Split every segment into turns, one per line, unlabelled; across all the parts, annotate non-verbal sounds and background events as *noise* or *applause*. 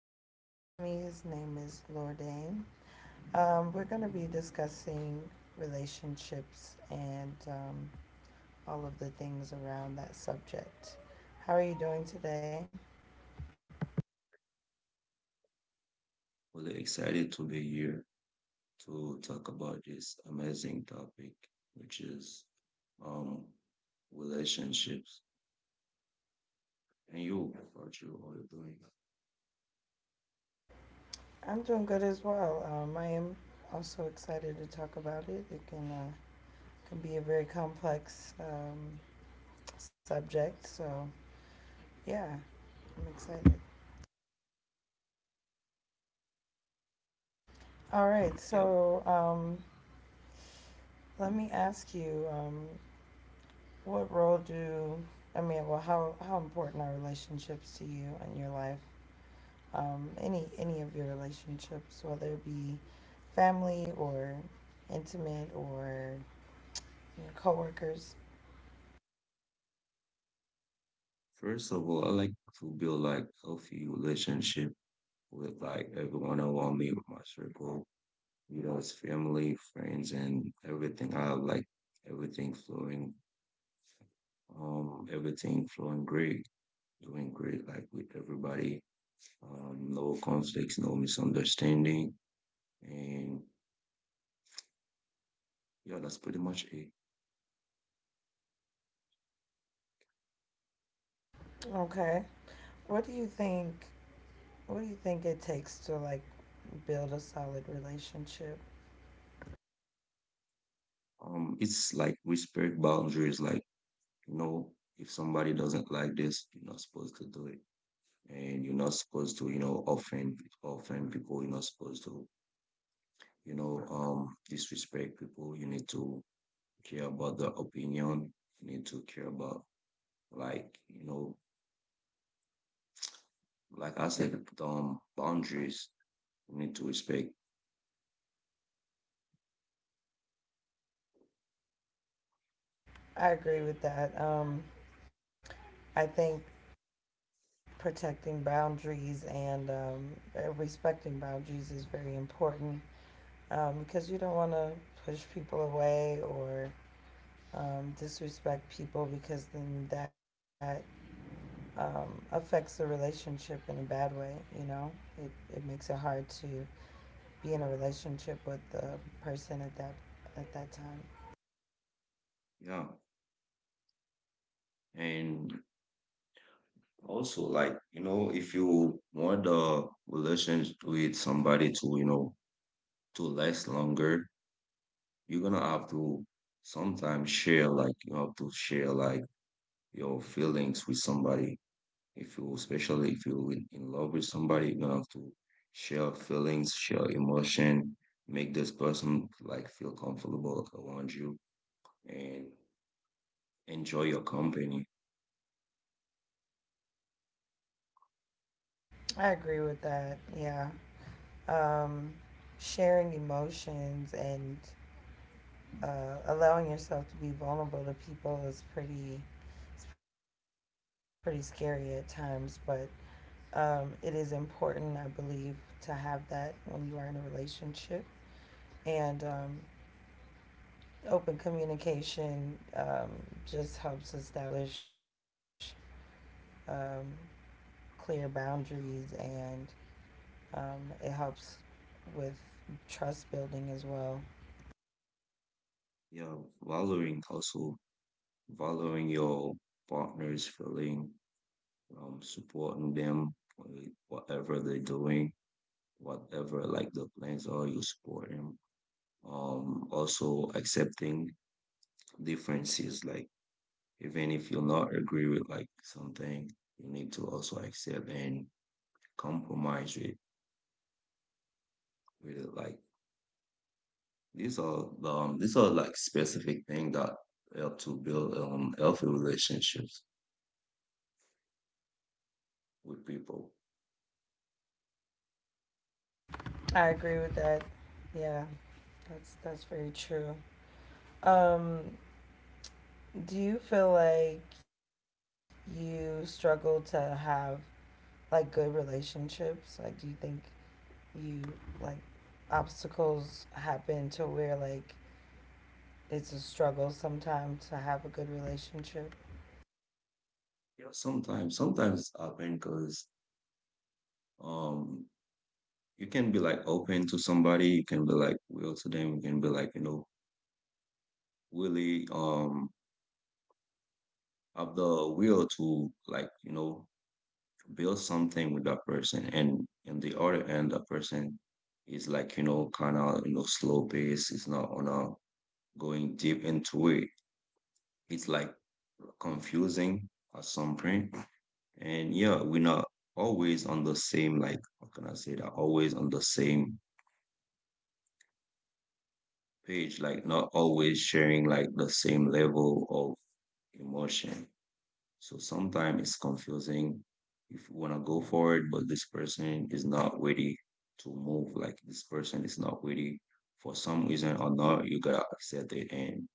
special guest with me. His name is Lordaine. We're going to be discussing relationships and all of the things around that subject. How are you doing today?
We're excited to be here to talk about this amazing topic, which is um relationships. And you, what you are doing?
I'm doing good as well. I am also excited to talk about it. It can be a very complex subject. So yeah, I'm excited. All right,
Yep.
so let me ask you, what role do? Well, how important are relationships to you in your life? Any of your relationships, whether it be family or intimate or your coworkers.
First of all, I like to build like healthy relationship with like everyone around me, with my circle, you know, it's family, friends, and everything. I like everything flowing, everything flowing great, doing great, like with everybody. No conflicts, no misunderstanding. And yeah, that's pretty much it.
Okay, what do you think? What do you think it takes to like build a solid relationship?
It's like respect boundaries. Like, you know, if somebody doesn't like this, you're not supposed to do it. And you're not supposed to, you know, offend people. You're not supposed to, you know, disrespect people. You need to care about their opinion. You need to care about, like, you know, like I said, boundaries. You need to respect.
I agree with that. I think protecting boundaries and respecting boundaries is very important because you don't want to push people away or disrespect people because then that affects the relationship in a bad way. You know, it, it makes it hard to be in a
Yeah.
relationship with the person at that time.
Yeah. And also, like, you know, if you want the relationship with somebody to, you know, to last longer, you're gonna have to sometimes share, like, you have to share, like, your feelings with somebody. If you, especially if you're in love with somebody, you're gonna have to share feelings, share emotion, make this person, like, feel comfortable around you and enjoy your company.
I agree with that. Yeah. Um, Sharing emotions and allowing yourself to be vulnerable to people is pretty scary at times, but it is important, I believe, to have that when you are in a relationship. And open communication just helps establish um, clear boundaries and um, it helps with trust building as well.
Yeah, valuing also, valuing your partner's feeling, supporting them with whatever they're doing, whatever like the plans are, you support them. Also accepting differences, like even if you're not agree with like something, you need to also accept and compromise with it. Like these are like specific things that help to build healthy relationships with people.
I agree with that. Yeah, that's very true. Um, do you feel like you struggle to have like good relationships? Like, do you think you like obstacles happen to where like it's a struggle sometimes to have a good relationship.
Yeah, sometimes it happen because um you can be like open to somebody, you can be like will to them, you can be like, you know, really have the will to, like, you know, build something with that person. And in the other end, that person is like, you know, kinda, you know, slow pace, it's not on a going deep into it. It's like confusing at some point. And yeah, we're not always on the same, like, how can I say that? Always on the same page, like not always sharing like the same level of emotion. So sometimes it's confusing if you want to go forward, but this person is not ready to move. Like this person is not ready for some reason or not, you gotta accept it. And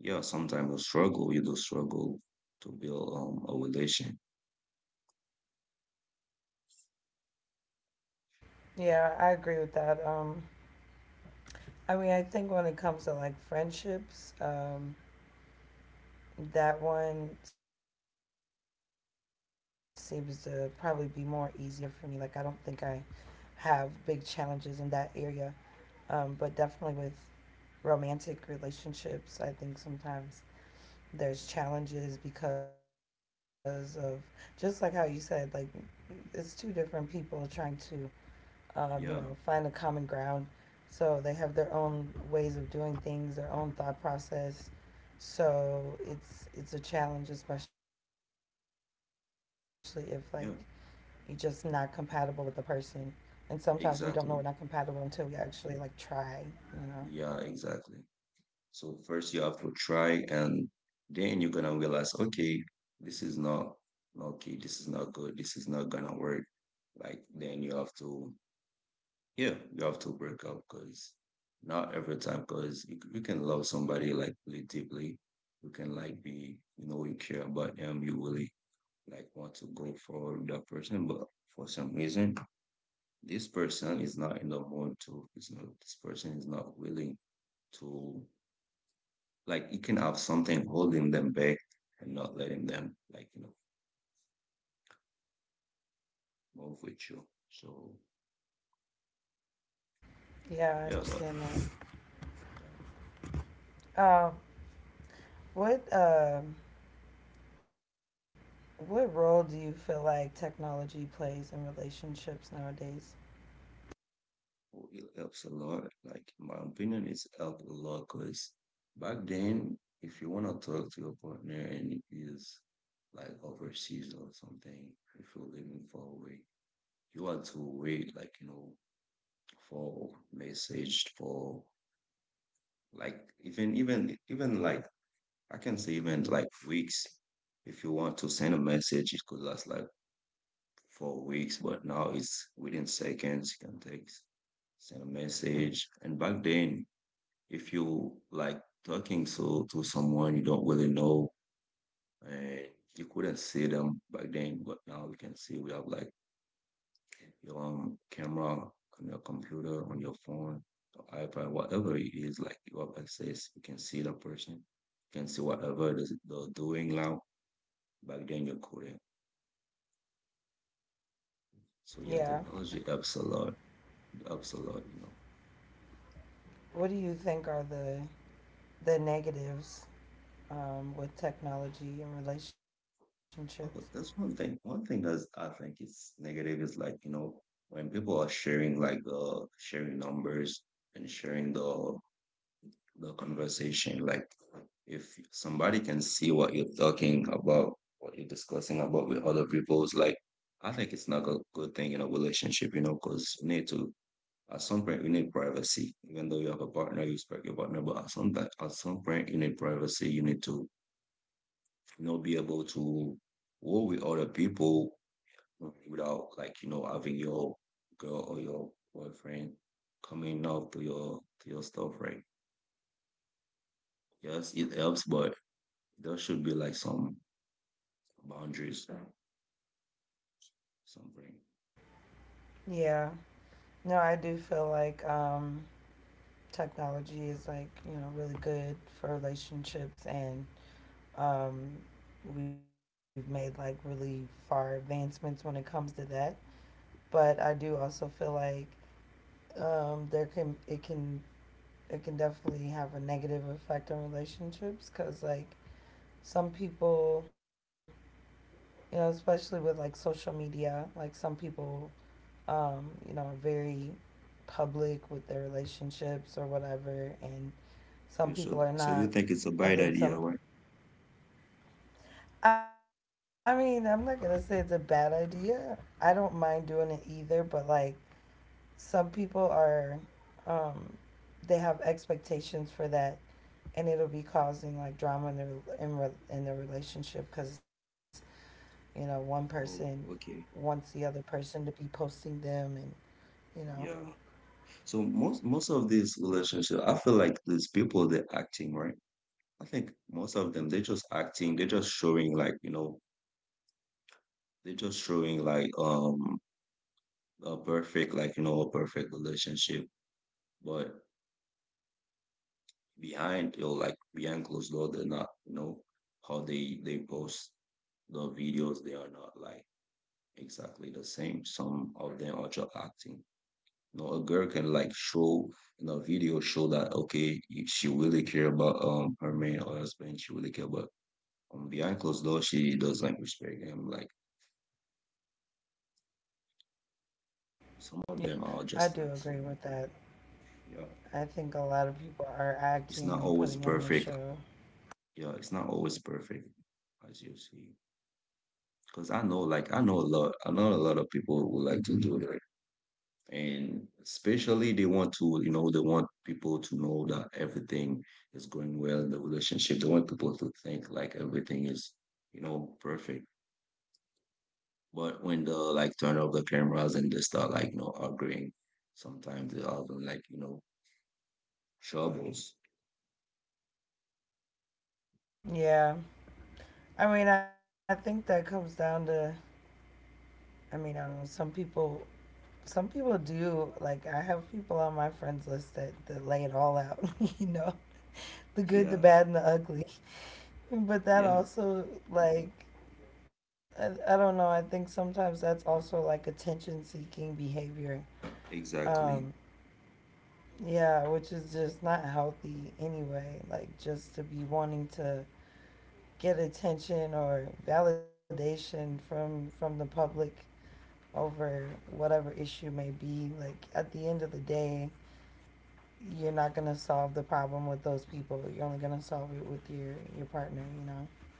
yeah, sometimes you struggle, you do struggle to build a relation.
Yeah, I agree with that. I mean, I think when it comes to like friendships, that one seems to probably be more easier for me. Like, I don't think I have big challenges in that area. But definitely with romantic relationships, I think sometimes there's
Yeah.
challenges because of just like how you said, like it's two different people trying to, you know, find a
Yeah,
common ground. So they have their own ways of doing things, their own thought process. So it's a challenge, especially if like you're just not
yeah,
compatible with the person. And sometimes we don't know we're not compatible
exactly.
until we actually like try, you know.
Yeah, exactly. So first you have to try and then you're gonna realize, okay, this is not okay, this is not good, this is not gonna work. Like then you have to, yeah, you have to break up because not every time because you can love somebody like really deeply. You can like be, you know, you care about them, you really like want to go for that person, but for some reason this person is not in the mood to, is not, this person is not willing to, like, you can have something holding them back and not letting them, like, you know, move with you. So
Yeah, I
yeah, but
understand
uh,
that. Um, what what role do you feel like technology plays in relationships nowadays?
oh, it helps a lot. Like in my opinion, it's helped a lot because back then, if you want to talk to your partner and it is like overseas or something, if you're living far away, you had to wait like, you know, for message for like even like I can say even like weeks. If you want to send a message, it could last like 4 weeks, but now it's within seconds. You can text, send a message. And back then, if you like talking so to someone you don't really know and you couldn't see them back then, but now we can see we have like your own camera on your computer, on your phone, your iPad, whatever it is, like you have access, you can see the person, you can see whatever they're doing now back then your career. So yeah,
Yeah.
technology helps a lot, you know.
What do you think are the negatives with technology and relationships?
Oh, that's one thing. One thing that's I think is negative is like, you know, when people are sharing like sharing numbers and sharing the conversation, like if somebody can see what you're talking about, what you're discussing about with other people, it's like I think it's not a good thing in a relationship, you know, because you need to. At some point, you need privacy, even though you have a partner, you respect your partner. But at some time, at some point, you need privacy. You need to, you know, be able to work with other people without, like, you know, having your girl or your boyfriend coming up to your stuff, right? Yes, it helps, but there should be like some boundaries, something.
Yeah, no, I do feel like technology is like you know really good for relationships, and um, we've made like really far advancements when it comes to that. But I do also feel like there can it can it can definitely have a negative effect on relationships because like some people you know, especially with like social media. Like some people, you know, are very public with their relationships or whatever, and
Yeah,
some
so
people are
so you
not.
think it's a bad
And then
idea,
some,
right?
I mean, I'm not gonna say it's a bad idea. I don't mind doing it either, but like some people are, um, they have expectations for that, and it'll be causing like drama in their in their relationship because you know, one person
Oh, okay.
wants the other person to be posting them, and you know,
Yeah. So most of these relationship, I feel like these people they're acting, right? I think most of them they're just acting, they're just showing like, you know, they're just showing like a perfect like, you know, a perfect relationship. But behind, you know, like behind closed door, they're not, you know, how they post the videos, they are not like exactly the same. Some of them are just acting. You know, a girl can like show in a video show that okay, you- she really care about her man or husband. She really care about, behind closed doors, she doesn't respect them. Like some
yeah.
of them are just
I do
acting, like.
agree with that.
Yeah,
I think a lot of people are
it's not
acting and
always
putting on a
perfect.
show.
Yeah, it's not always perfect, as you see. Because I know, like I know a lot. I know a lot of people who like to do that. And especially they want to, you know, they want people to know that everything is going well in the relationship, they want people to think like everything is, you know, perfect, but when they like turn off the cameras and they start like, you know, arguing, sometimes they have like, you know, troubles.
Yeah. I mean, I think that comes down to, I mean, I don't know, some people. Some people do like I have people on my friends list that, lay it all out, *laughs* you know, the good, the
Yeah,
bad, and the ugly. But that
yeah,
also like I don't know. I think sometimes that's also like attention seeking behavior. Um,
exactly.
yeah, which is just not healthy anyway. Like just to be wanting to get attention or validation from the public over whatever issue may be. Like at the end of the day, you're not gonna solve the problem with those people. You're only gonna solve it with your partner. You know.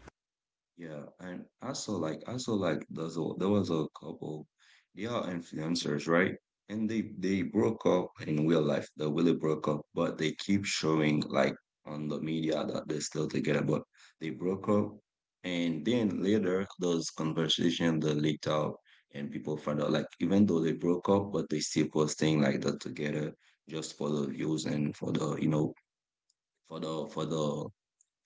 Yeah, and I saw like there's a, there was a couple, they are influencers, right? And they broke up in real life. They really broke up, but they keep showing like on the media that they're still together, but they broke up. And then later, those conversations that leaked out, and people found out like even though they broke up, but they still posting like they're together just for the views and for the, you know, for the for the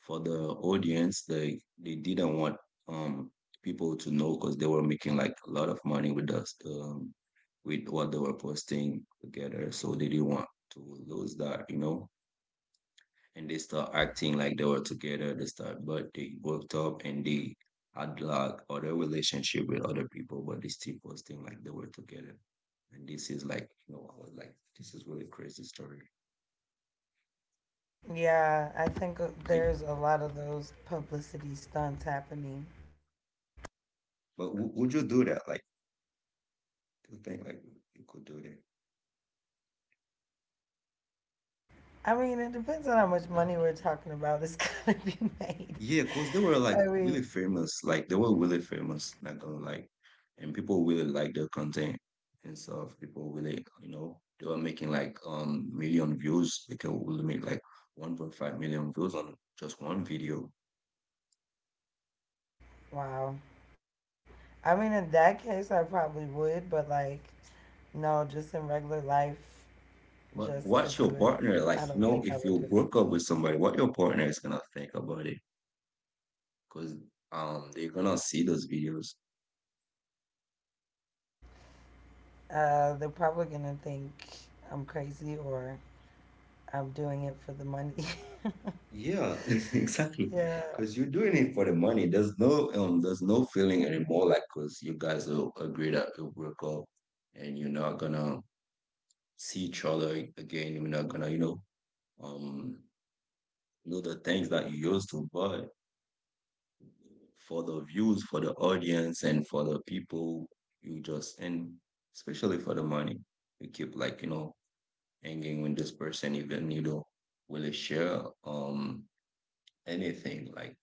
for the audience, they didn't want um people to know because they were making like a lot of money with us, with what they were posting together, so they didn't want to lose that, you know. And they start acting like they were together, they start but they worked up and they had like other relationship with other people, but they still posting like they were together. And this is like, you know, I was like this is really crazy story,
Yeah, I think
like.
there's a lot of those publicity stunts happening.
But would you do that, like, do you think like you could do that?
I mean, it depends on how much money we're talking about is *laughs* gonna be
Yeah,
made.
because they were like really
I mean,
famous. Like they were really famous, not gonna lie, and people really like their content and stuff. People really, you know, they were making like million views. They could really make like 1.5 million views on just one video.
wow. I mean, in that case, I probably would, but like, no, just in regular life,
But what's
just to
your
do it,
partner like? You
I
know,
don't think
if
I
you
would do it.
broke up with somebody, what your partner is gonna think about it? Because they're gonna see those videos.
They're probably gonna think I'm crazy or I'm doing it for the money. *laughs*
Yeah, *laughs* exactly.
Yeah,
Because you're doing it for the money. There's no feeling anymore. Like, cause you guys will agree that you'll break up, and you're not gonna see each other again. You're not gonna, you um, know the things that you used to. But for the views, for the audience, and for the people, you just and especially for the money, you keep like, you know, hanging with this person, even you don't really share anything like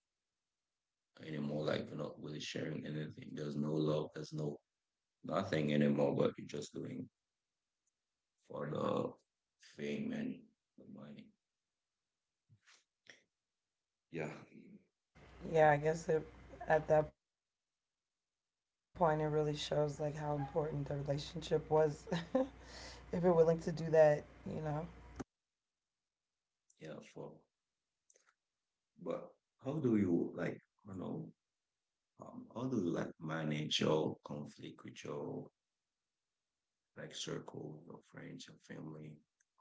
anymore. Like you're not really sharing anything. There's no love. There's no nothing anymore. But you're just doing for the fame and the money. Yeah,
yeah, I guess it, at that point, it really shows like how important the relationship was. *laughs* If you're willing to do that, you know.
yeah. For but how do you like? You know, how do you like manage your conflict with your like circle, your friends, your family?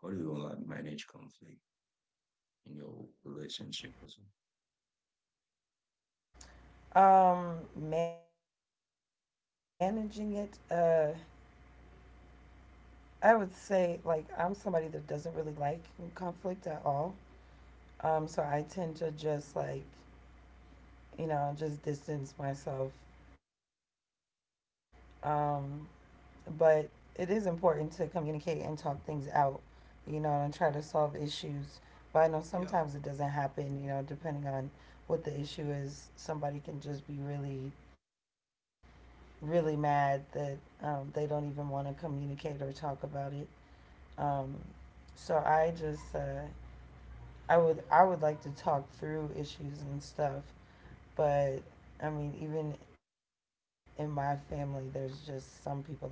How do you like manage conflict in your relationship? Also?
Um, managing it, I would say, like, I'm somebody that doesn't really like conflict at all. So I tend to just, like, you know, just distance myself. Um, but it is important to communicate and talk things out, you know, and try to solve issues. But I know sometimes
Yeah,
it doesn't happen, you know, depending on what the issue is. Somebody can just be really, really mad that they don't even want to communicate or talk about it. Um, so I would like to talk through issues and stuff, but I mean even in my family, there's just some people that I know like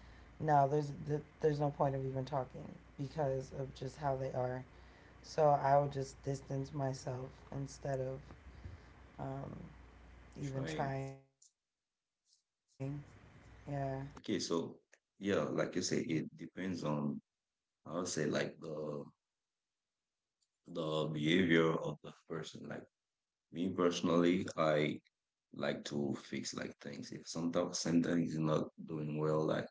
no, there's there's no point of even talking because of just how they are. So I would just distance myself instead of um, even
trying.
trying. Yeah.
Okay, so yeah, like you say, it depends on. I would say like the behavior of the person. Like me personally, I like to fix like things. If sometimes something is not doing well, like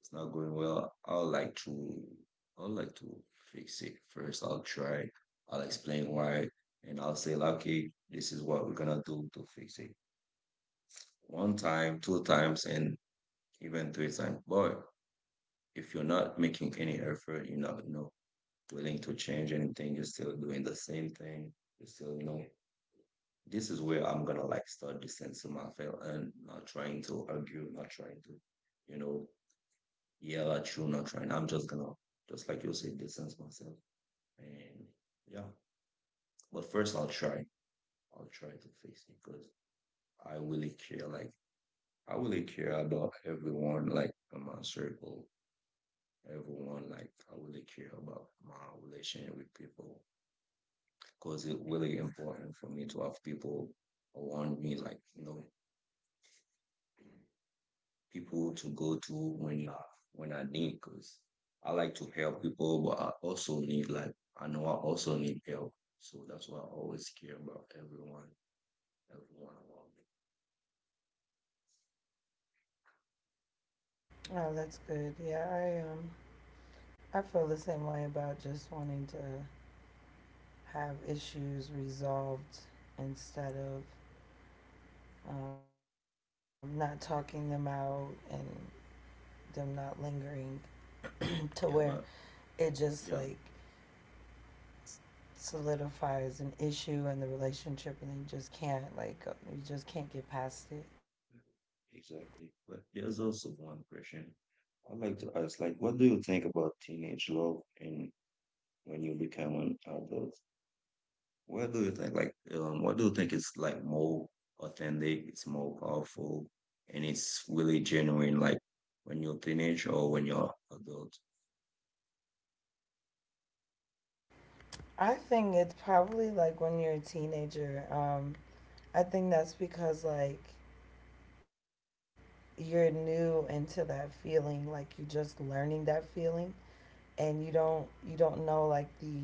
it's not going well, I'll like to fix it first. I'll try. I'll explain why, and I'll say, like, okay, this is what we're gonna do to fix it. One time, two times, and even three times. But if you're not making any effort, you're not, willing to change anything. You're still doing the same thing. You're still, you know, This is where I'm gonna like start distancing myself and not trying to argue, not trying to, you know, yell at you, not trying. I'm just gonna, just like you say, distance myself. And yeah, but first I'll try. I'll try to fix it because I really care. Like, I really care about everyone, like in my circle, everyone. Like, I really care about my relationship with people because it's really important for me to have people around me, like, people to go to when I need because I like to help people, but I also need like I know I also need help. So that's why I always care about everyone, everyone around me.
Oh, that's good. Yeah, I feel the same way about just wanting to have issues resolved instead of not talking them out and them not lingering to where
Yeah,
it
but
just like
yeah,
solidifies an issue in the relationship and then you just can't like you just can't get past it.
exactly. But there's also one question I like to ask, like, what do you think about teenage love and when you become an adult? What do you think? Like, what do you think is like more authentic? It's more powerful, and it's really genuine. Like when you're teenage or when you're adult.
I think it's probably like when you're a teenager. I think that's because like you're new into that feeling like you're just learning that feeling, and you
Yeah.
don't know like the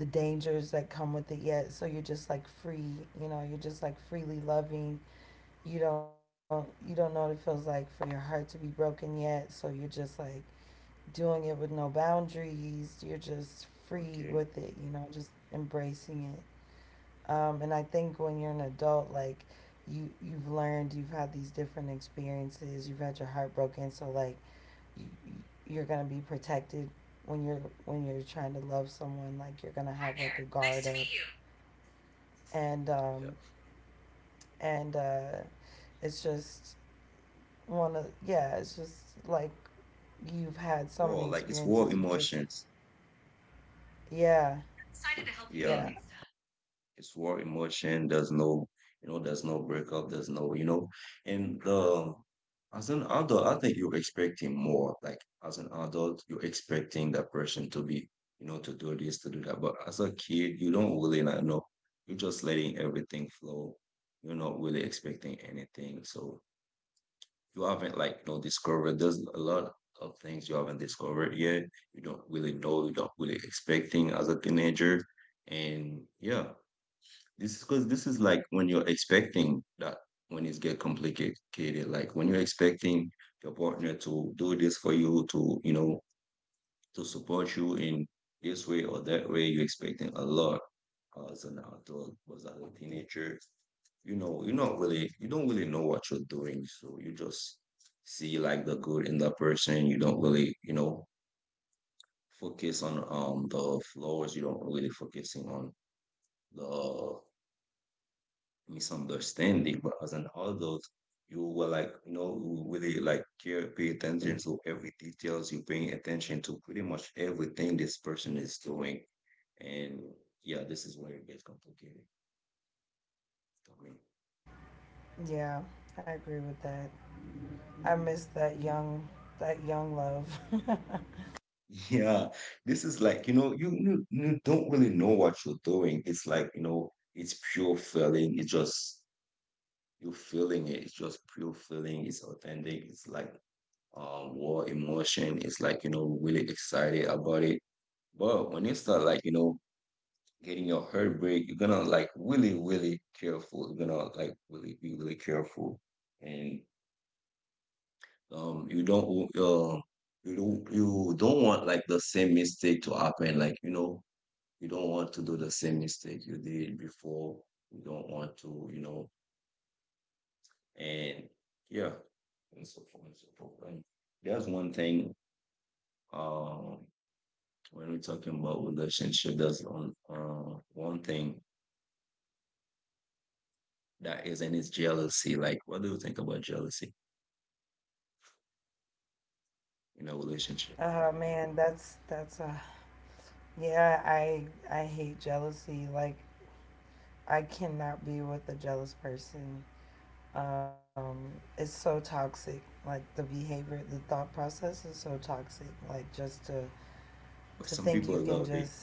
the dangers that come with it yet, so you're just like free, you know, you're just like freely loving. You don't know what it feels like for your heart to be broken yet, so you're just like doing it with no boundaries. You're just free
Okay.
with it, you know, just embracing it. And I think when you're an adult, like you've learned, you've had these different experiences, you've had your heart broken, so like you, you're gonna be protected when you're trying to love someone. Like you're gonna have like a guard up, and
Yeah.
and uh, it's just one of yeah, it's just like you've had so many
Wow. Like it's raw
experiences. You just
emotions.
yeah
Excited to help you.
yeah
Yeah. It's war in motion. There's no, there's no breakup. There's no, and the as an adult, I think you're expecting more. Like as an adult, you're expecting that person to be, to do this, to do that. But as a kid, you don't really not know. You're just letting everything flow. You're not really expecting anything. So you haven't like, discovered. There's a lot of things you haven't discovered yet. You don't really know. You don't really expecting as a teenager. And yeah, this because this is like when you're expecting that when it's get complicated, like when you're expecting your partner to do this for you, to to support you in this way or that way, you're expecting a lot as an adult, was as a teenager. You know, you're not really, you don't really know what you're doing, so you just see like the good in that person. You don't really, focus on the flaws. You don't really focusing on the misunderstanding. But as an adult, you will like, you really like care, pay attention to every details. You paying attention to pretty much everything this person is doing. And yeah, this is where it gets complicated for me. *laughs*
yeah. I agree with that. I miss that young love. *laughs*
Yeah, this is like, you don't really know what you're doing. It's like, it's pure feeling. It's just you feeling it. It's just pure feeling. It's authentic. It's like raw emotion. It's like, really excited about it. But when you start like, getting your heart break, you're gonna like really, really careful. You're gonna like really be really careful. And you don't you don't want like the same mistake to happen. Like, you don't want to do the same mistake you did before. You don't want to, and yeah, and so forth and so forth. And there's one thing. Um when we're talking about relationship, that's one one thing that is, and it's jealousy. Like, what do you think about jealousy in a relationship?
Oh man, that's yeah, I hate jealousy. Like I cannot be with a jealous person. Um it's so toxic. Like the behavior, the thought process is so toxic. Like just to
But
think
some
you
people
can
love it.
just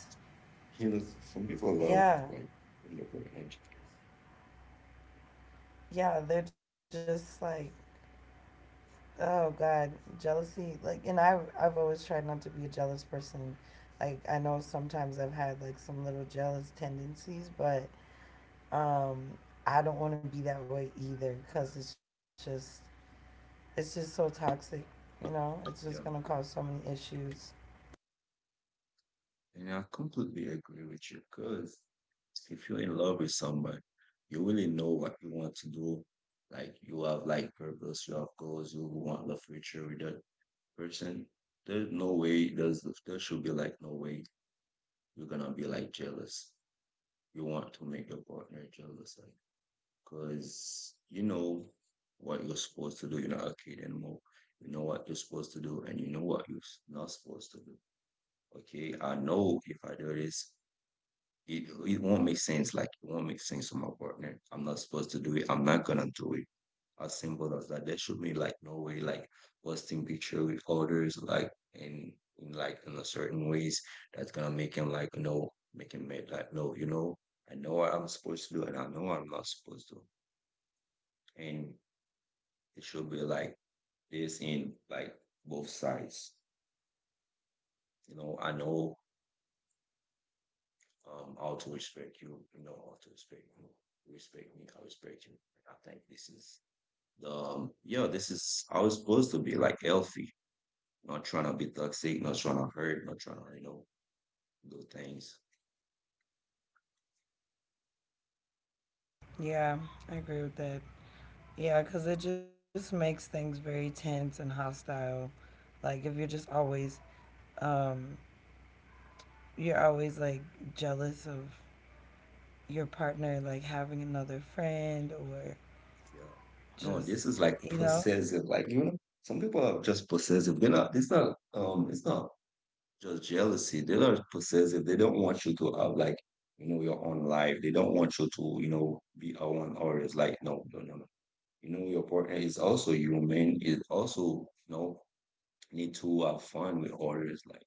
You know, some people love
yeah.
like relationship.
Yeah, they're just like oh god, jealousy. Like and I have I've always tried not to be a jealous person. Like I know sometimes I've had like some little jealous tendencies, but Um, I don't want to be that way either because it's just so toxic. You know, it's just gonna cause
Yeah,
so many issues.
and I completely agree with you because if you're in love with someone, you really know what you want to do. Like, you have like purpose, you have goals, you want the future with that person. There's no way. There should be like no way you're gonna be like jealous. You want to make your partner jealous, like, cause you know what you're supposed to do. You're not a kid anymore. You know what you're supposed to do, and you know what you're not supposed to do. Okay, I know if I do this, it won't make sense. Like, it won't make sense to my partner. I'm not supposed to do it. I'm not gonna do it as simple as that. There should be like no way like posting picture with others like in in a certain ways that's gonna make him like no make him mad like no you know I know what I'm supposed to do and I know what I'm not supposed to and it should be like this in like both sides. You know, I know how to respect you, you know how to respect you. You respect me, I respect you. I think this is the yeah, this is how it's supposed to be like healthy. Not trying to be toxic, not trying to hurt, not trying to, do things.
Yeah, I agree with that. Yeah, because it just makes things very tense and hostile. Like if you're just always, um, you're always like jealous of your partner, like having another friend or
Yeah. No, this is
just,
like
you know.
possessive. Like, some people are just possessive. They're not, it's not, it's not just jealousy. They are possessive. They don't want you to have like, your own life. They don't want you to, be around others. Like, no, no, no, no. You know, your partner is also human, is also, need to have fun with others. Like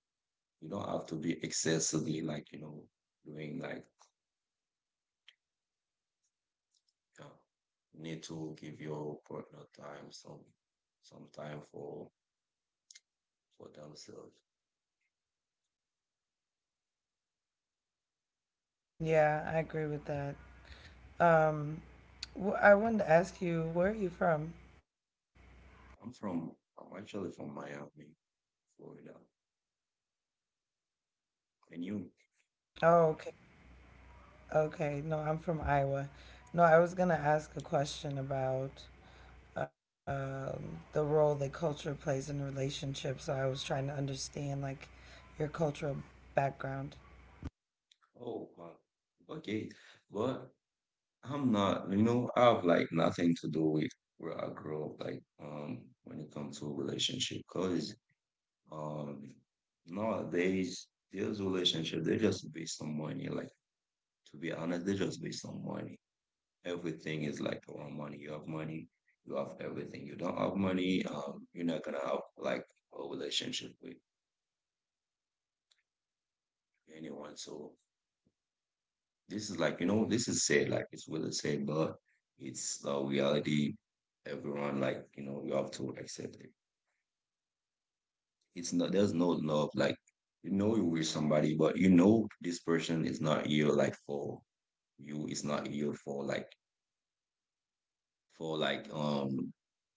you don't have to be excessively like doing like uh, you need to give your partner time some time for themselves.
Yeah, I agree with that. Um, I wanted to ask you, where are you from?
I'm from I'm actually from Miami, Florida, and you?
Oh, okay. Okay, no, I'm from Iowa. No, I was going to ask a question about the role that culture plays in relationships. So I was trying to understand like your cultural background.
Oh wow, okay, but I'm not. You know, I have like nothing to do with where I grew up. Like when it comes to relationship, cause Um, nowadays, these relationships, they're just based on money. Like, to be honest, they're just based on money. Everything is like around money. You have money, you have everything. You don't have money, you're not gonna have like a relationship with anyone. So this is like, this is said, like it's really said, but it's the reality. Everyone, like, you have to accept it. It's not there's no love. Like you know you're with somebody, but you know this person is not here like for you. It's not here for like for like um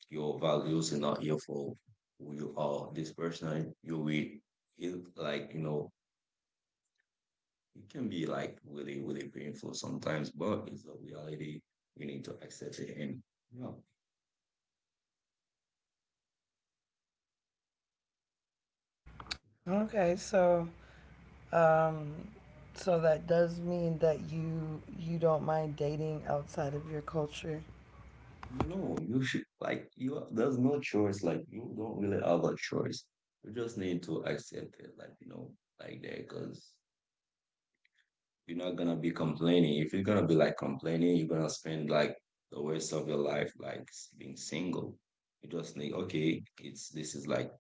your values and not here for who you are. This person you're with it like, it can be like really, really painful sometimes, but it's the reality. You need to accept it and yeah.
Okay, so um, so that does mean that you don't mind dating outside of your culture.
No, you should like you. There's no choice. Like you don't really have a choice. You just need to accept it. Like you know, like that, because you're not gonna be complaining. If you're gonna be like complaining, you're gonna spend like the rest of your life like s- being single. You just think, okay, it's this is like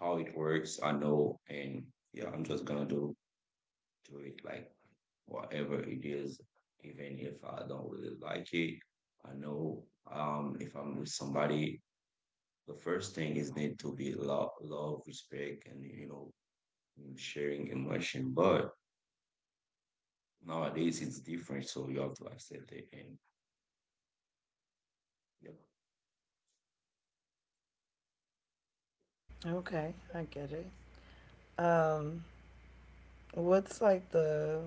how it works. I know, and yeah, I'm just gonna do it like whatever it is, even if I don't really like it. I know if I'm with somebody the first thing is need to be love, love, respect, and sharing emotion. But nowadays it's different, so you have to accept it. And yeah,
Okay, I get it. Um, what's like the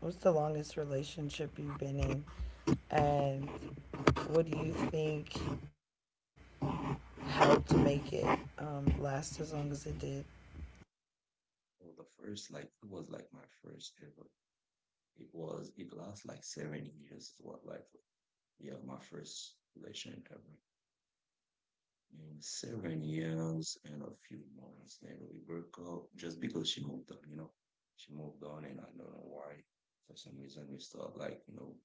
what's the longest relationship you've been in, and what do you think helped make it last as long as it did?
well, the first like it was like my first ever. It was it lasts like 7 years. It was like yeah, my first relation ever. In 7 years and a few months, then we broke up just because she moved on. You know, she moved on, and I don't know why. For some reason, we start like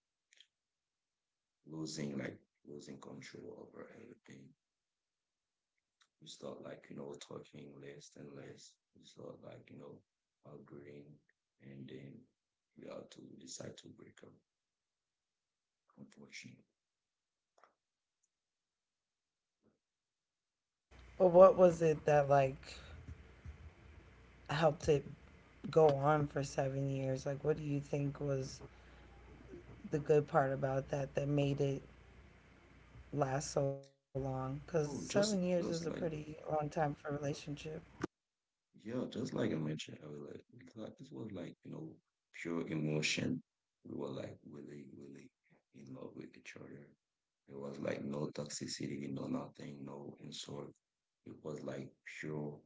losing like losing control over everything. You start like, talking less and less. You start like, agreeing and then we have to decide to break up, unfortunately.
But what was it that like helped it go on for 7 years? Like, what do you think was the good part about that that made it last so long? Because seven
Oh,
years is a
just
pretty
like
long time for a relationship.
yeah, just like I mentioned earlier, like, it's like- this was like, pure emotion. We were like really, really in love with each other. It was like no toxicity, no nothing, no insult. It was like pure,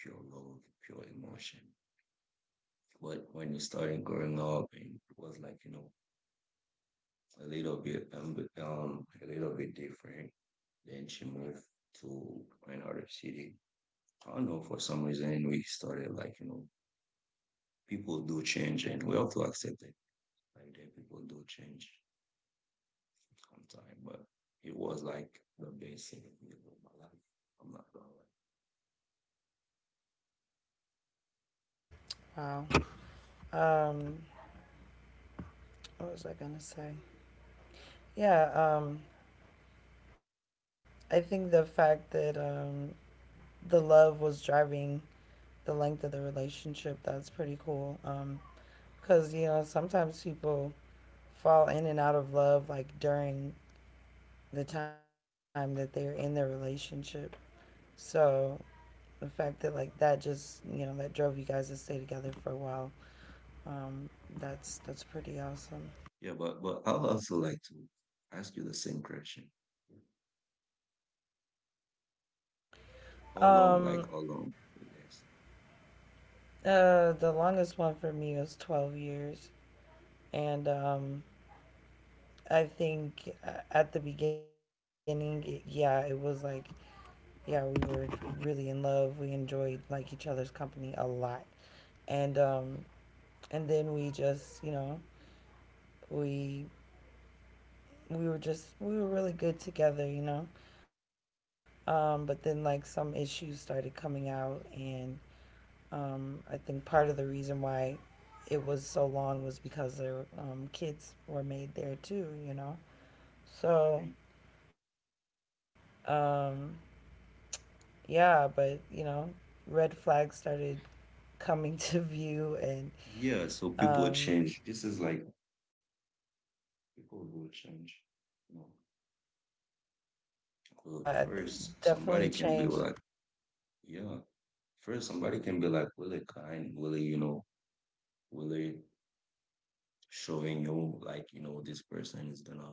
pure love, pure emotion. But when you started growing up, and it was like, a little bit, um, a little bit different. Then she moved to another city. I don't know, for some reason, we started like, people do change and we have to accept it. Like that people do change on time. But it was like the best thing of my life. I'm not gonna lie.
Wow. Um, what was I gonna say? Yeah. Um, I think the fact that the love was driving the length of the relationship, that's pretty cool. Because you know sometimes people fall in and out of love like during the time that they're in their relationship. So the fact that like that just you know that drove you guys to stay together for a while, um, that's pretty awesome.
Yeah, but I'd also like to ask you the same question. How long, like
Um,
how long it lasts?
the longest one for me was 12 years, and I think at the beginning, yeah, it was like yeah we were really in love. We enjoyed like each other's company a lot, and and then we just you know we we were just we were really good together, you know. But then like some issues started coming out, and I think part of the reason why it was so long was because their kids were made there too, you know. So
Okay.
um, yeah, but you know, red flags started coming *laughs* to view, and
Yeah, so
um,
people change. This is like people will change. You know, well,
yeah, it
first
definitely
somebody can be
changed.
like, yeah, first somebody can be like really kind, really, really showing you like you know this person is gonna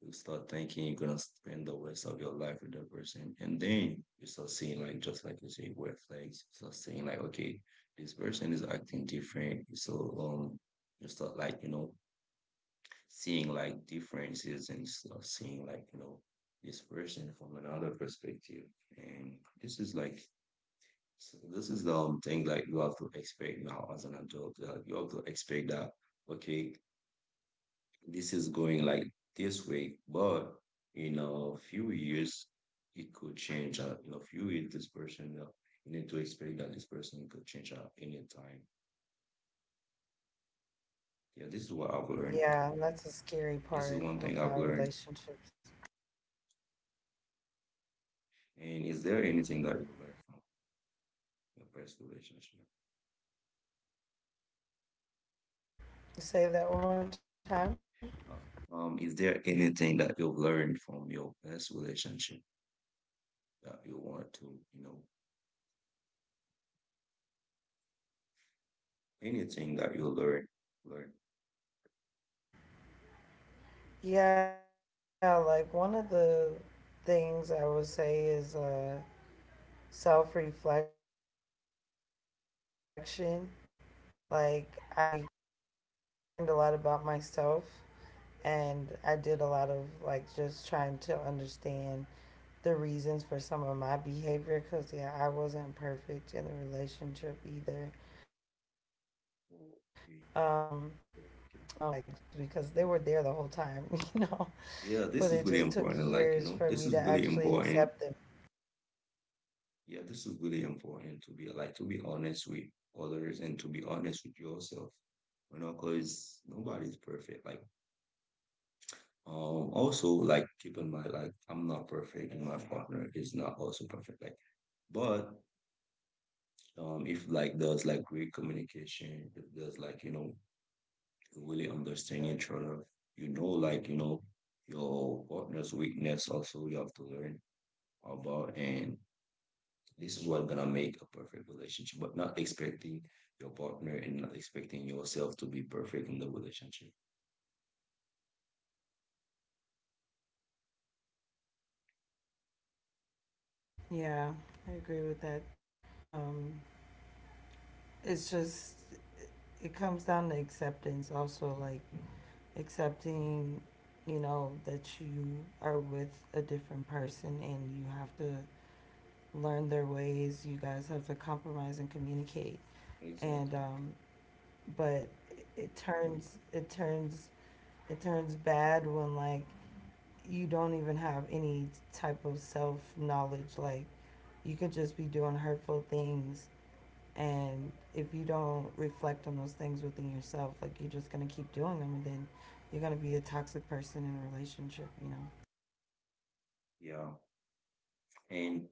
you start thinking you're gonna spend the rest of your life with that person, and then you start seeing like just like you say red flags. You start seeing like okay, this person is acting different. So you start like, seeing like differences and you start seeing like, this person from another perspective, and this is like. So this is the thing like you have to expect now as an adult. Like you have to expect that okay, this is going like this way, but in a few years, it could change. In a few years, you need to expect that this person could change at any time. Yeah, this is what I've learned.
Yeah, and that's a scary
This is
part
one thing I've
about
learned.
relationships.
And is
Yeah.
there anything that you have learned from your past relationship?
Say that one more time.
Is there anything that you've learned from your past relationship that you want to, you know, anything that
Yeah,
learn?
um, yeah, like one of the things I would say is self reflection. Like I I learned a lot about myself and I did a lot of like just trying to understand the reasons for some of my behavior because yeah, I wasn't perfect in the relationship either. Um, but then also just
Okay,
to not ignore
okay.
red flags because they were there the whole time, *laughs* you know.
Yeah, this
But
is
it
really
just took
important. Like, you
years
know,
for
this
me
is
to
really
actually
important.
accept them.
Yeah, this is really important to be like to be honest with others and to be honest with yourself. You know, because nobody's perfect. Like, also like keep in mind, like I'm not perfect and my partner is not also perfect. Like, but if like there's like great communication, if there's like, really understand each other, you know, like, your partner's weakness. Also, you have to learn about and this is what's gonna make a perfect relationship, but not expecting your partner and not expecting yourself to be perfect in the relationship.
Yeah, I agree with that. Um, it's just, it comes down to acceptance also, like accepting, you know, that you are with a different person and you have to learn their ways. You guys have to compromise and communicate. And,
Exactly.
um, but it turns, it turns, it turns bad when like you don't even have any type of self knowledge, like you could just be doing hurtful things and if you don't reflect on those things within yourself like you're just going to keep doing them and then you're going to be a toxic person in a relationship you know.
Yeah. And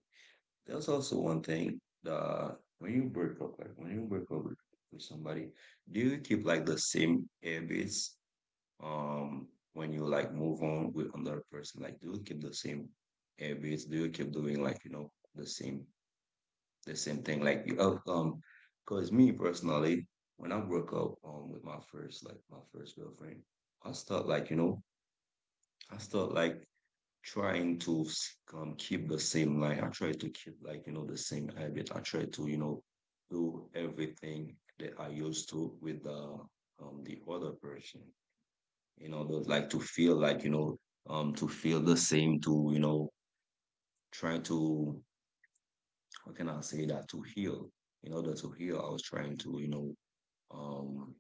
there's also one thing the when you break up, like when you break up with somebody, do you keep like the same habits when you like move on with another person? Like do you keep the same habits? Do you keep doing like, you know, the same the same thing. Like because me personally, when I broke up with my first like my first girlfriend, I start like you know I start like trying to keep the same line. I try to keep like, the same habit. I try to you know do everything that I used to with the other person. You know, those like to feel like you know to feel the same to you know try to how can I say that to heal you know, the to heal I was trying to, you know, um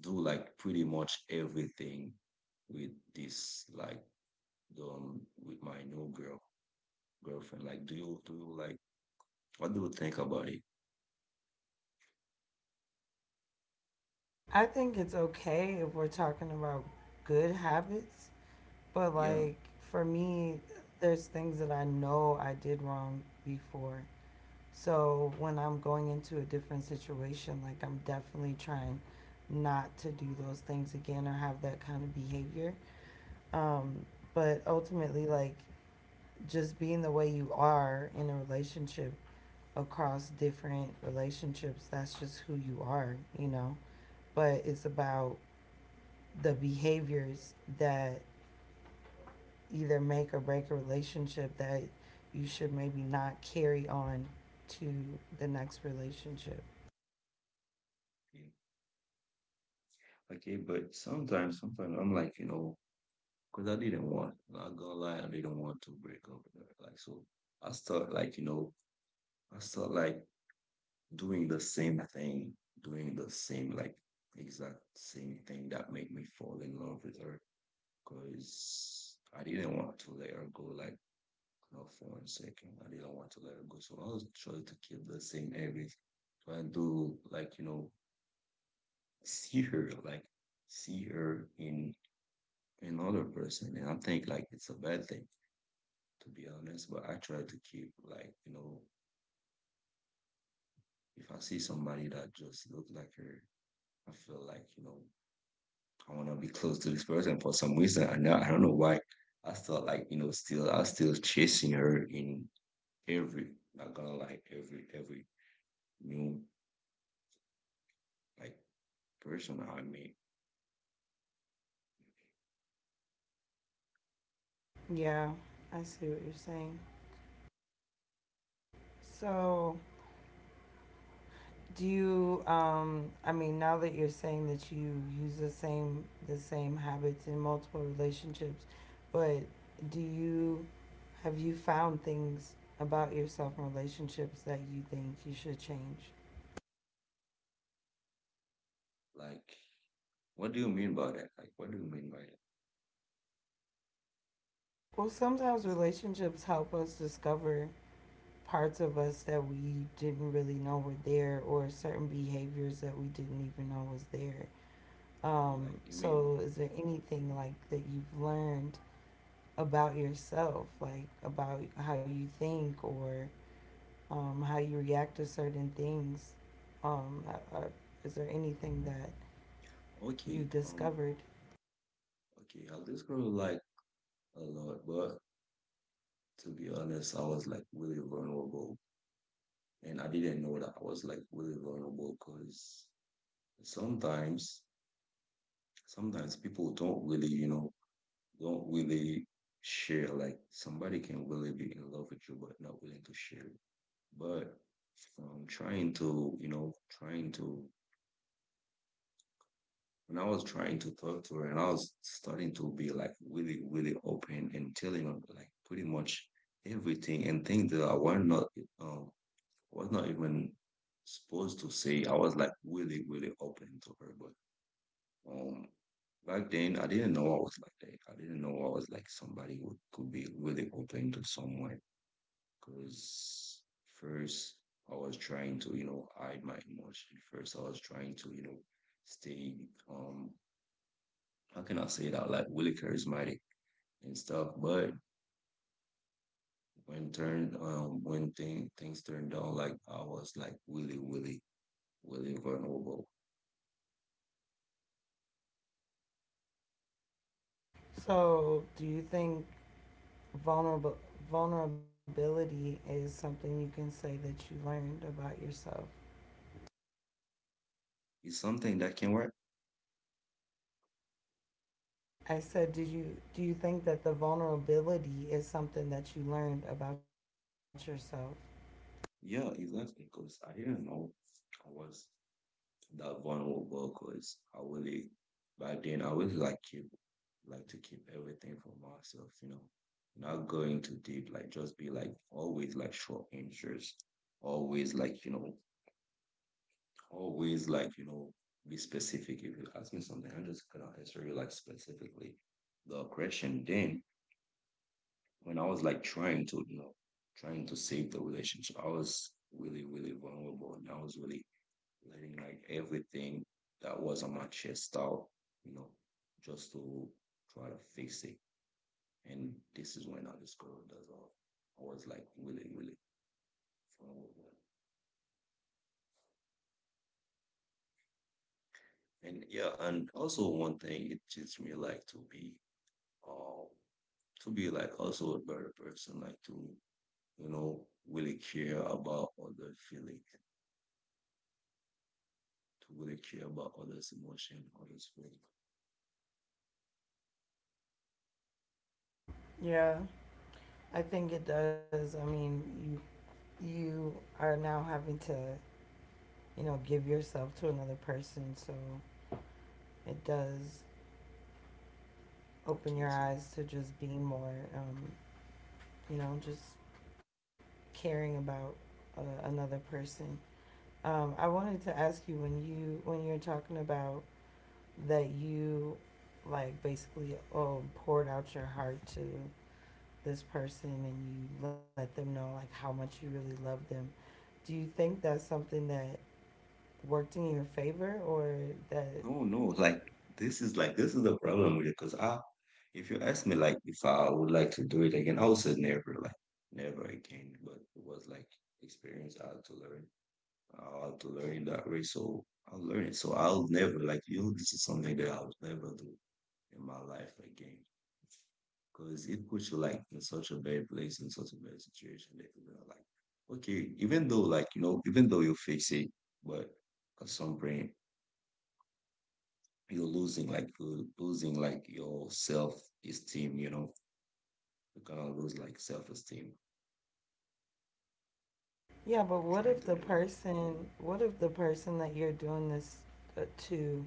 do like pretty much everything with this like with my new girlfriend. Like do you what do you think about it?
I think it's okay if we're talking about good habits, but
Yeah.
like for me there's things that I know I did wrong before, so when I'm going into a different situation like I'm definitely trying not to do those things again or have that kind of behavior. Um, but ultimately, like just being the way you are in a relationship across different relationships, that's just who you are, you know. But it's about the behaviors that either make or break a relationship that you should maybe not carry on to the next relationship.
Okay. Okay, but sometimes sometimes I'm like, you know, because I didn't want not gonna lie, I didn't want to break up with her. Like so I start like, you know, I start like doing the same thing, doing the same like exact same thing that make me fall in love with her. Because I didn't want to let her go like not for one second. I didn't want to let her go. So I was trying to keep the same habit, trying to like, you know, *laughs* see her, like see her in another person. And I think like it's a bad thing to be honest. But I try to keep like, you know, if I see somebody that just looks like her, I feel like, you know, I wanna be close to this person for some reason. I know I don't know why. I still like, you know, still I was still chasing her in every, not gonna lie, every new like person I meet,
Yeah, I see what you're saying. So, do you? I mean, now that you're saying that you use the same habits in multiple relationships, but do you have you found things about yourself in relationships that you think you should change?
like, what do you mean by that? Like, what do you mean by that?
Well, sometimes
Is
relationships help us discover parts of us that we didn't really know were there, or certain behaviors that we didn't even know was there.
like, you mean,
So, is there anything like that you've learned about yourself, like about how you think or how you react to certain things. Um, uh, uh, is there anything that
okay,
you've discovered?
okay, I this gonna like a lot, but to be honest, I was like really vulnerable, and I didn't know that I was like really vulnerable because sometimes, sometimes people don't really, you know don't really share. Like somebody can really be in love with you, but not willing to share. It. But trying to, you know, when I was trying to talk to her and I was starting to be like really, really open and telling her like pretty much everything and things that I um, was not even supposed to say. I was like really, really open to her, but Um, back then, I didn't know I was like that. I didn't know I was like somebody who could be really open to someone. Because first, I was trying to, you know, hide my emotion. First, I was trying to, you know, stay, um, how can I say that? Like really charismatic and stuff. But when things turned down, like I was like really, really, really vulnerable.
So, do you think vulnerable vulnerability is something you can say that you learned about yourself?
It's something that can work.
I said, did you do you think that the vulnerability is something that you learned about yourself?
Yeah, exactly. Because I didn't know I was. That vulnerable because I really, by then, I really like to keep everything for myself, you know, not going too deep, like just be like always like short answers, always like, you know, always like, you know, be specific. If you ask me something, I'm just gonna answer you like specifically the question. Then when I was like trying to, you know, trying to save the relationship, I was really, really vulnerable and I was really letting like everything that was on my chest out, you know, just to try to fix it. And this is when I discovered that I was like really, really fun. And yeah, and also one thing it teaches me like uh to be like also a better person, like to, you know, really care about other feeling, to really care about others' emotion, others' feeling.
Yeah, I think it does. I mean, you are now having to you know, give yourself to another person. So it does open
Okay,
your
so
eyes to just being more, you know, just caring about another person. I wanted to ask you when you're talking about that you like basically oh poured out your heart to this person and you let them know like how much you really love them. Do you think that's something that worked in your favor or that.
no, no, like this is the problem with it. Cause I, if you ask me, like if I would like to do it again, I would say never, like never again. But it was like experience I had to learn. I had to learn that way, so I'll learn it. So I'll never like you. This is something that I'll never do in my life again. Because it puts you like in such a bad place, in such a bad situation that you're gonna like, okay, even though like you know, even though you fix it, but at some point you're losing like your self esteem, you know, you're gonna lose like self esteem
Yeah, but
trying to do that.
what if the person that you're doing this uh, to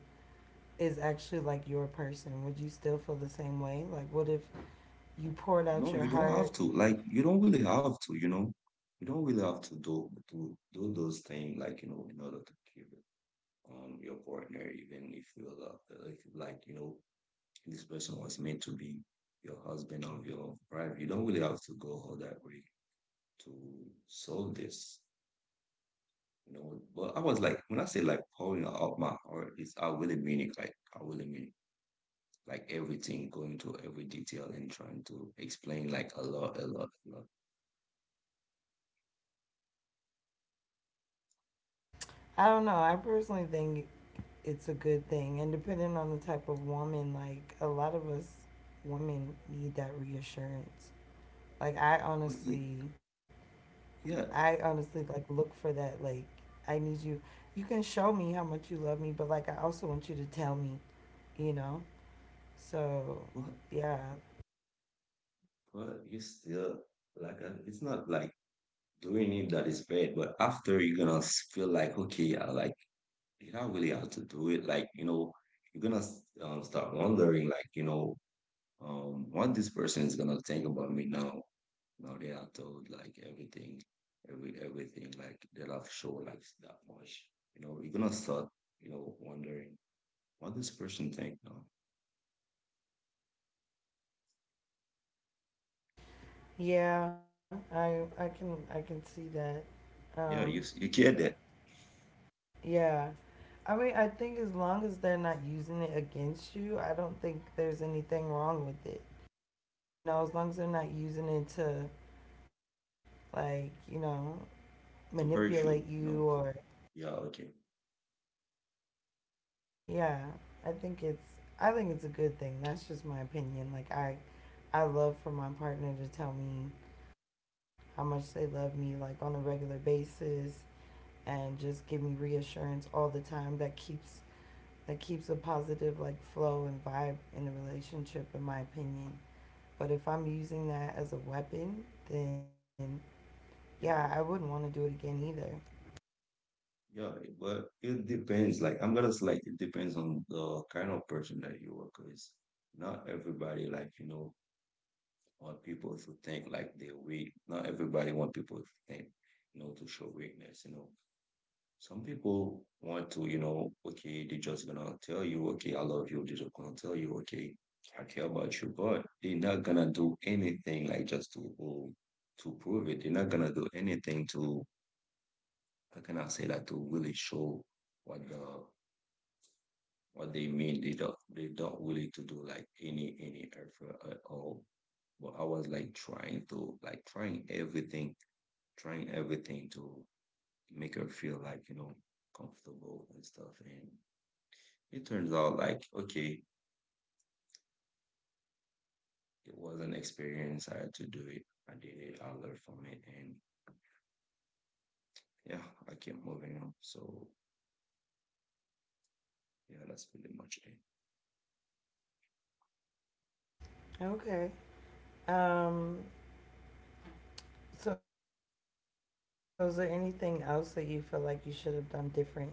is actually like your person? Would you still feel the same way? Like, what if you poured
No,
out your
you don't have
heart?
to like you don't really have to you know you don't really have to do those things like you know in order to keep it your partner even if you love if like you know this person was meant to be your husband or your wife you don't really have to go all that way to solve this. You know, but I was like, when I say like pouring out my heart, is I really mean it. Like I really mean it. Like everything, going to every detail and trying to explain like a lot, a lot, a lot.
I don't know. I personally think it's a good thing. And depending on the type of woman, like, a lot of us women need that reassurance. Like,
But y- yeah,
I honestly, like, look for that. Like, I need you. You can show me how much you love me, but, like, I also want you to tell me, you know? So,
but
yeah,
but you still like it's not like doing it that is bad. But after you're gonna feel like okay, I like did I really have to do it? Like you know, you're gonna start wondering like you know what this person is gonna think about me now. Now they are told like everything, everything like they love show like that much. You know, you're gonna start, you know, wondering what this person think. No,
yeah, I can I can see that. Um,
yeah, you you get that
yeah, I mean, I think as long as they're not using it against you, I don't think there's anything wrong with it. You know, as long as they're not using it to like you know
to
manipulate
hurt
you
you.
or
No, yeah, okay,
yeah, I think it's I think it's a good thing. That's just my opinion. Like I love for my partner to tell me how much they love me like on a regular basis and just give me reassurance all the time that keeps a positive like flow and vibe in the relationship in my opinion. But if I'm using that as a weapon, then yeah, I
yeah,
wouldn't
but
want to do it again either.
yeah, but it depends. Like I'm gonna say, like it depends on the kind of person that you work with. Not everybody like you know want people to think like they're weak. Not everybody want people to think, you know, to show weakness. You know some people want to, you know, okay, they're just gonna tell you, okay, I love you. They're just gonna tell you, okay, I care about you, but they're not gonna do anything like just to prove it. They're not gonna do anything to, how can I say that, to really show what the what they mean. They don't really to do like any effort at all. But I was like trying to like trying everything to make her feel like, you know, comfortable and stuff. And it turns out like, okay, it was an experience. I had to do it. I did it. I learned from it. And yeah, I kept moving on. So yeah, that's pretty much it.
Okay, um anything else that you feel like you should have done different to make that work?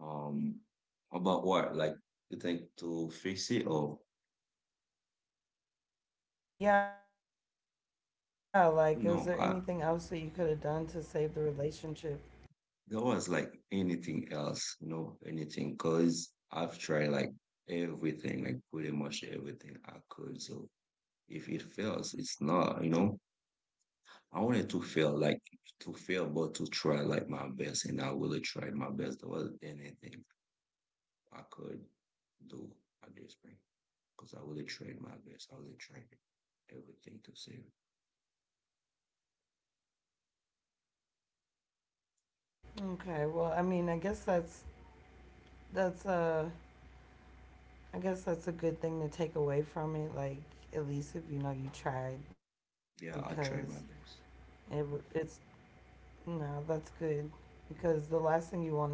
Um, about what? Like, you think to fix it or
Yeah, like was there anything else that you could have done
no?
to
I,
save the relationship?
there was like anything else, you know, anything. Cause I've tried like everything, like pretty much everything I could. So if it fails, it's not, I wanted to fail, like to fail, but to try like my best, and I really tried my best. There wasn't anything I could do at this point because I really tried my best. I really tried everything to save.
Okay, well, I mean, I guess that's that's I guess that's a good thing to take away from it. Like, at least if you know you tried, because
Yeah, I tried my best.
it's no, that's good. Because the last thing you want is to like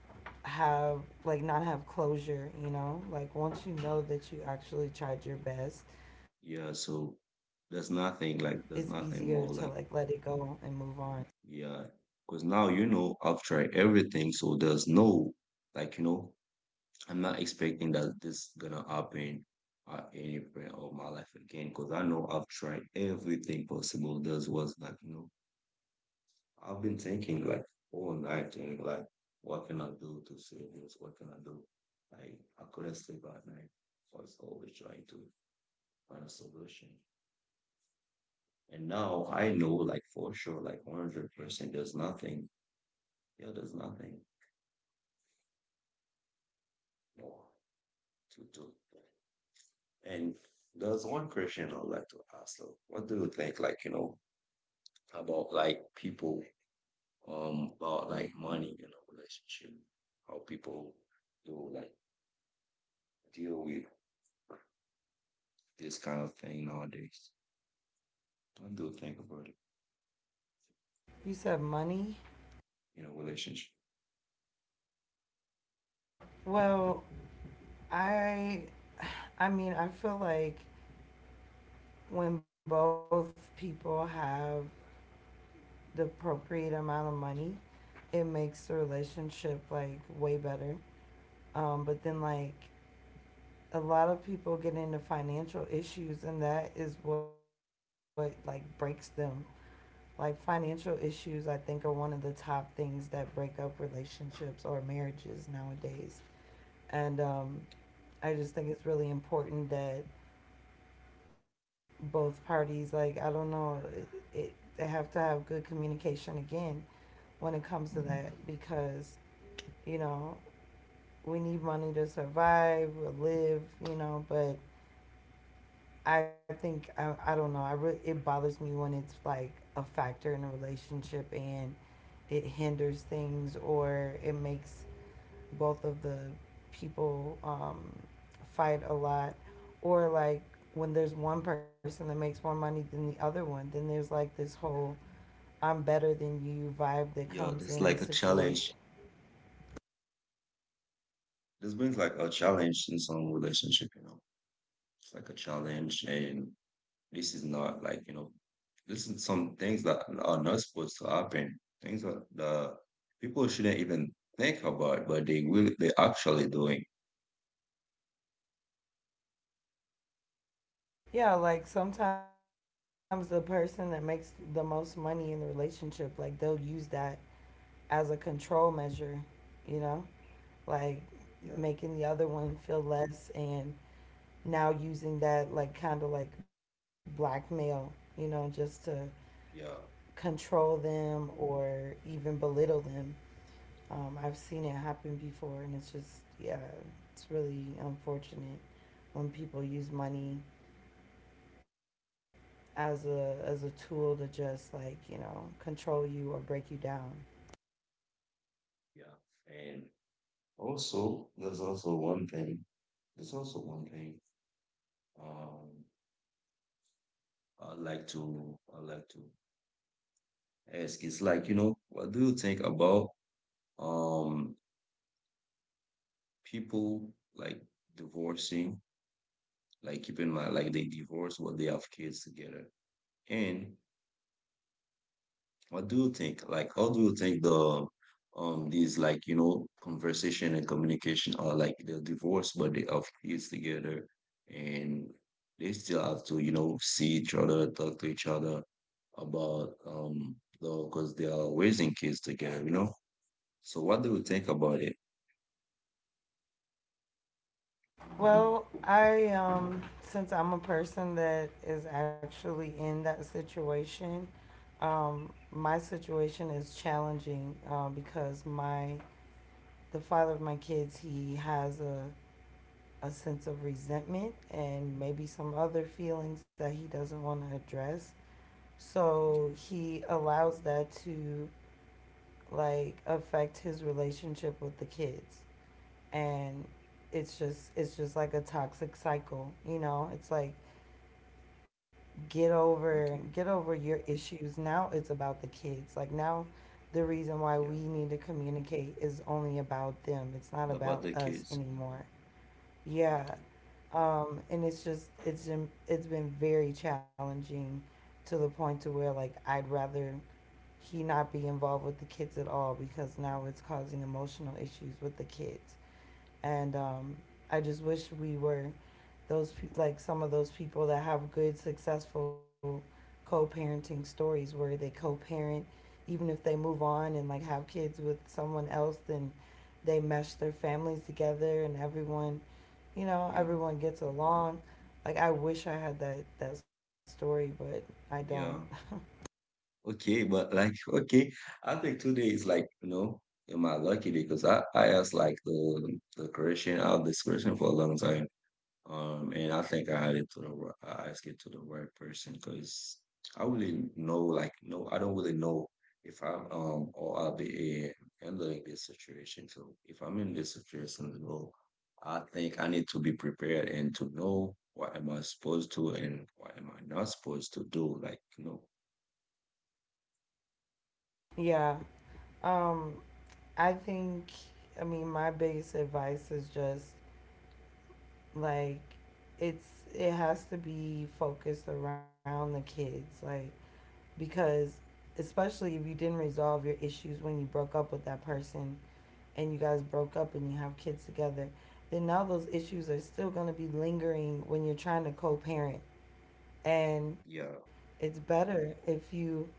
have like not have closure. You know, like once you know that you actually tried your best, it's
Yeah, so
easier to like let it go and move
there's
on.
nothing more like yeah, because now you know I've tried everything, so there's no like you know I'm not expecting that this gonna happen at any point of my life again because I know I've tried everything possible. This was like, I've been thinking like all night and like, what can I do to save this? What can I do? Like, I couldn't sleep at night. I was always trying to find a solution. And now I know, like, for sure, like 100%, there's nothing, yeah, there's nothing more to do. And there's one question I'd like to ask, though. What do you think, like, about like people, about like money in a relationship, how people do like deal with this kind of thing nowadays. I do think about it
You said money.
in a relationship.
Well, I I mean I feel like when both people have the appropriate amount of money, it makes the relationship like way better. But then
Yeah,
like a lot of people get into financial issues and that is what like breaks them. Like financial issues I think are one of the top things that break up relationships or marriages nowadays. And I just think it's really important that both parties like I don't know it they have to have good communication again when it comes to that because you know we need money to survive, live, you know. But I think I don't know. I it bothers me when it's like a factor in a relationship and it hinders things or it makes both of the people fight a lot or like when there's one person that makes more money than the other one then there's like this whole I'm better than you vibe that
yeah,
comes
it's
in the
like a
situation.
challenge. This brings like a challenge in some relationship, you know. It's like a challenge, and this is not like, this is some things that are not supposed to happen. Things that the people shouldn't even think about, but they will, they actually doing.
Yeah, like sometimes the person that makes the most money in the relationship, like they'll use that as a control measure, you know? Like making the
Yeah,
other one feel less and now using that like kind of like blackmail, you know, just to
yeah,
control them or even belittle them. I've seen it happen before and it's just, yeah, it's really unfortunate when people use money as a tool to just like you know control you or break you down.
yeah. And also, There's also one thing. Um, I like to it's like, what do you think about um people like divorcing, like keeping my like they divorce what they have kids together. And what do you think? Like how do you think the these like, conversation and communication are like they're divorced but they have kids together and they still have to, see each other, talk to each other about the because they are raising kids together, you know? So what do you think about it?
Well, I since I'm a person that is actually in that situation, my situation is challenging, because my the father of my kids he has a sense of resentment and maybe some other feelings that he doesn't want to address, so
Okay.
he allows that to like affect his relationship with the kids, and it's just like a toxic cycle you know it's like
Okay,
get over your issues now it's about the kids like now the reason why
yeah,
we need to communicate is only about them it's not about
about the
us
kids.
anymore. Yeah,
Okay,
and it's just it's been very challenging to the point to where like I'd rather he not be involved with the kids at all because now it's causing emotional issues with the kids, and I just wish we were like some of those people that have good successful co-parenting stories where they co-parent even if they move on and like have kids with someone else then they mesh their families together and everyone you know
yeah,
everyone gets along. Like I wish I had that story but I don't.
yeah. Okay, but like, *laughs* okay, I think today is like, am I lucky because I asked like the question, I had this question for a long time. And I think I had it to the I asked it to the right person because I really know, like, no, I don't really know if I'm or I'll be handling this situation. So if I'm in this situation, so I think I need to be prepared and to know what am I supposed to and what am I not supposed to do. Like,
Yeah, um I think I mean my biggest advice is just like it's it has to be focused around the kids, like because especially if you didn't resolve your issues when you broke up with that person and you guys broke up and you have kids together, then now those issues are still going to be lingering when you're trying to co-parent. And
yeah,
it's better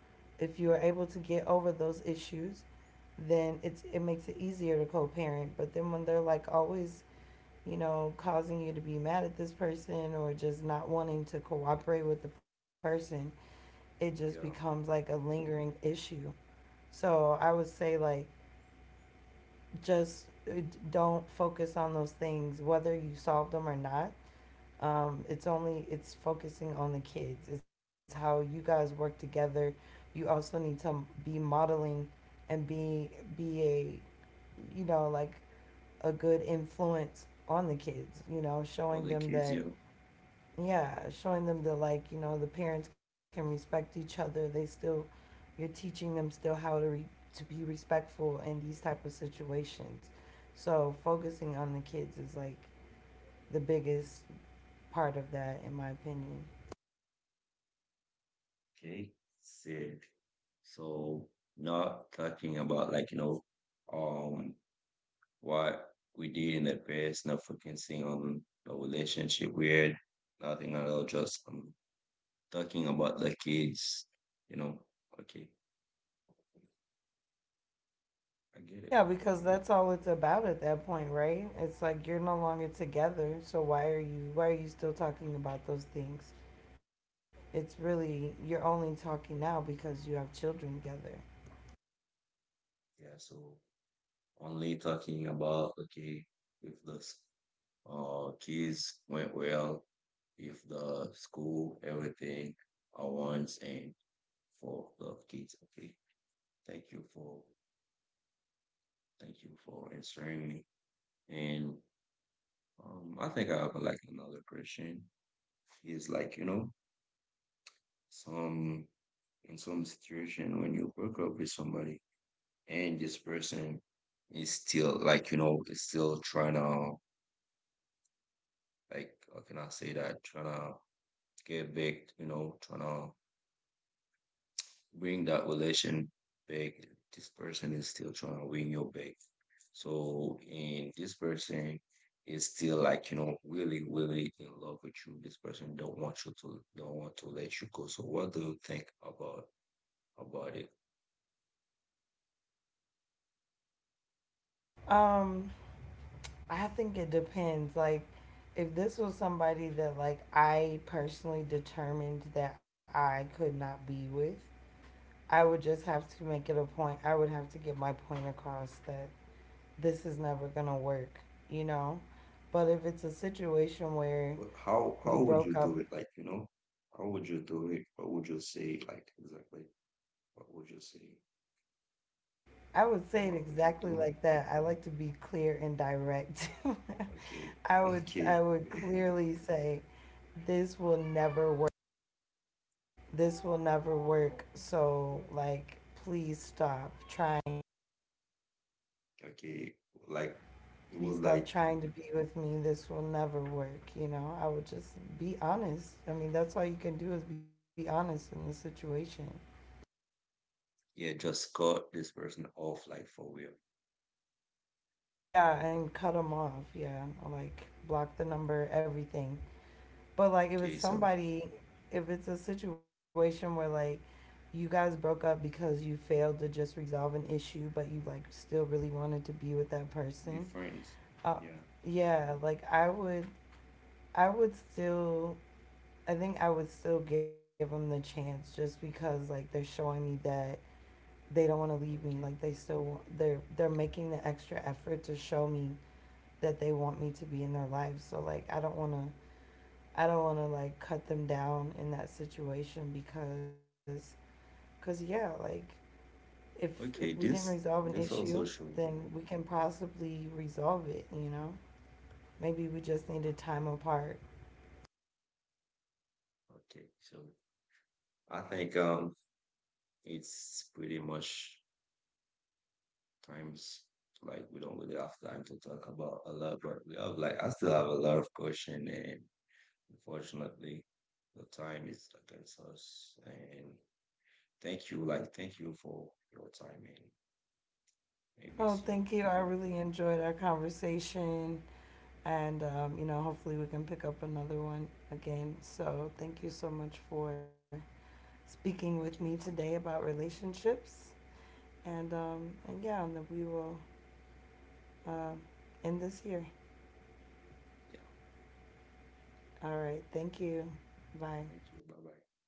if you are able to get over those issues, then it makes it easier to co-parent. But then when they're like always you know, causing you to be mad at this person or just not wanting to cooperate with the person, it just becomes
yeah,
like a lingering issue. So I would say, like, just don't focus on those things, whether you solve them or not. It's only it's focusing on the kids. It's how you guys work together. You also need to be modeling and be a you know like a good influence on the kids. You know,
all
showing
the
them
kids,
that
yeah,
yeah, showing them that like you know the parents can respect each other. They still you're teaching them still how to to be respectful in these type of situations. So focusing on the kids is like the biggest part of that, in my opinion.
okay, said. So not talking about like, um. what we did in the past, not focusing on the relationship we're nothing at all, just talking about the kids, you know. Okay, I get it.
Yeah, because that's all it's about at that point, right? It's like you're no longer together, so why are you still talking about those things? It's really you're only talking now because you have children together.
Yeah, so only talking about okay, if the kids went well, if the school, everything I want and for the kids. Okay. Thank you for thank you for answering me. And I think I have like another question. It's like, some in some situation when you break up with somebody and this person is still like, is still trying to like how can I say that? Trying to get back, trying to bring that relation back. This person is still trying to win your back. So and this person is still like, really, really in love with you. This person don't want you to don't want to let you go. So what do you think about it?
Um I think it depends. Like, if this was somebody that like I personally determined that I could not be with, I would just have to make it a point. I would have to get my point across that this is never gonna work, you know. But if it's a situation where
Well,
we
how would you
broke
do
up,
it? Like, how would you do it? What would you say? Like, exactly, what would you say?
I would
And
say it
what would you
exactly
do?
like that. I like to be clear and direct.
Okay,
*laughs*
*laughs*
I
okay,
would clearly say this will never work. This will never work. So like, please stop trying.
okay. Like, you
Please
would
stop
like,
trying to be with me. This will never work. You know, I would just be honest. I mean, that's all you can do is be honest in the situation.
yeah, just cut this person off, like for real.
Yeah, and cut them off. Yeah, like block the number, everything. But like, if it's
Okay, so
somebody, if it's a situation where like you guys broke up because you failed to just resolve an issue, but you like still really wanted to be with that
be
person,
friends.
Uh,
Yeah,
yeah, like I would still, I think I would still give them the chance just because like they're showing me that they don't want to leave me.
okay,
Like they still, they're making the extra effort to show me that they want me to be in their lives. So like I don't want to, I don't want to like cut them down in that situation because, cause yeah, like if if we
okay.
didn't
This
resolve an
this
issue,
also show.
then we can possibly resolve it. You know, maybe we just needed time apart.
Okay, so I think it's pretty much. Times like we don't really have time to talk about a lot, but we have like I still have a lot of question and unfortunately the time is against us. And thank you for your time and maybe
Oh,
see you.
thank you. I really enjoyed our conversation. And, you know, hopefully we can pick up another one again. So thank you so much for speaking with me
Okay,
today
thank you.
about relationships. And yeah, and then we will uh, end this here.
Yeah,
All right. Thank you. Bye.
thank you. Bye bye.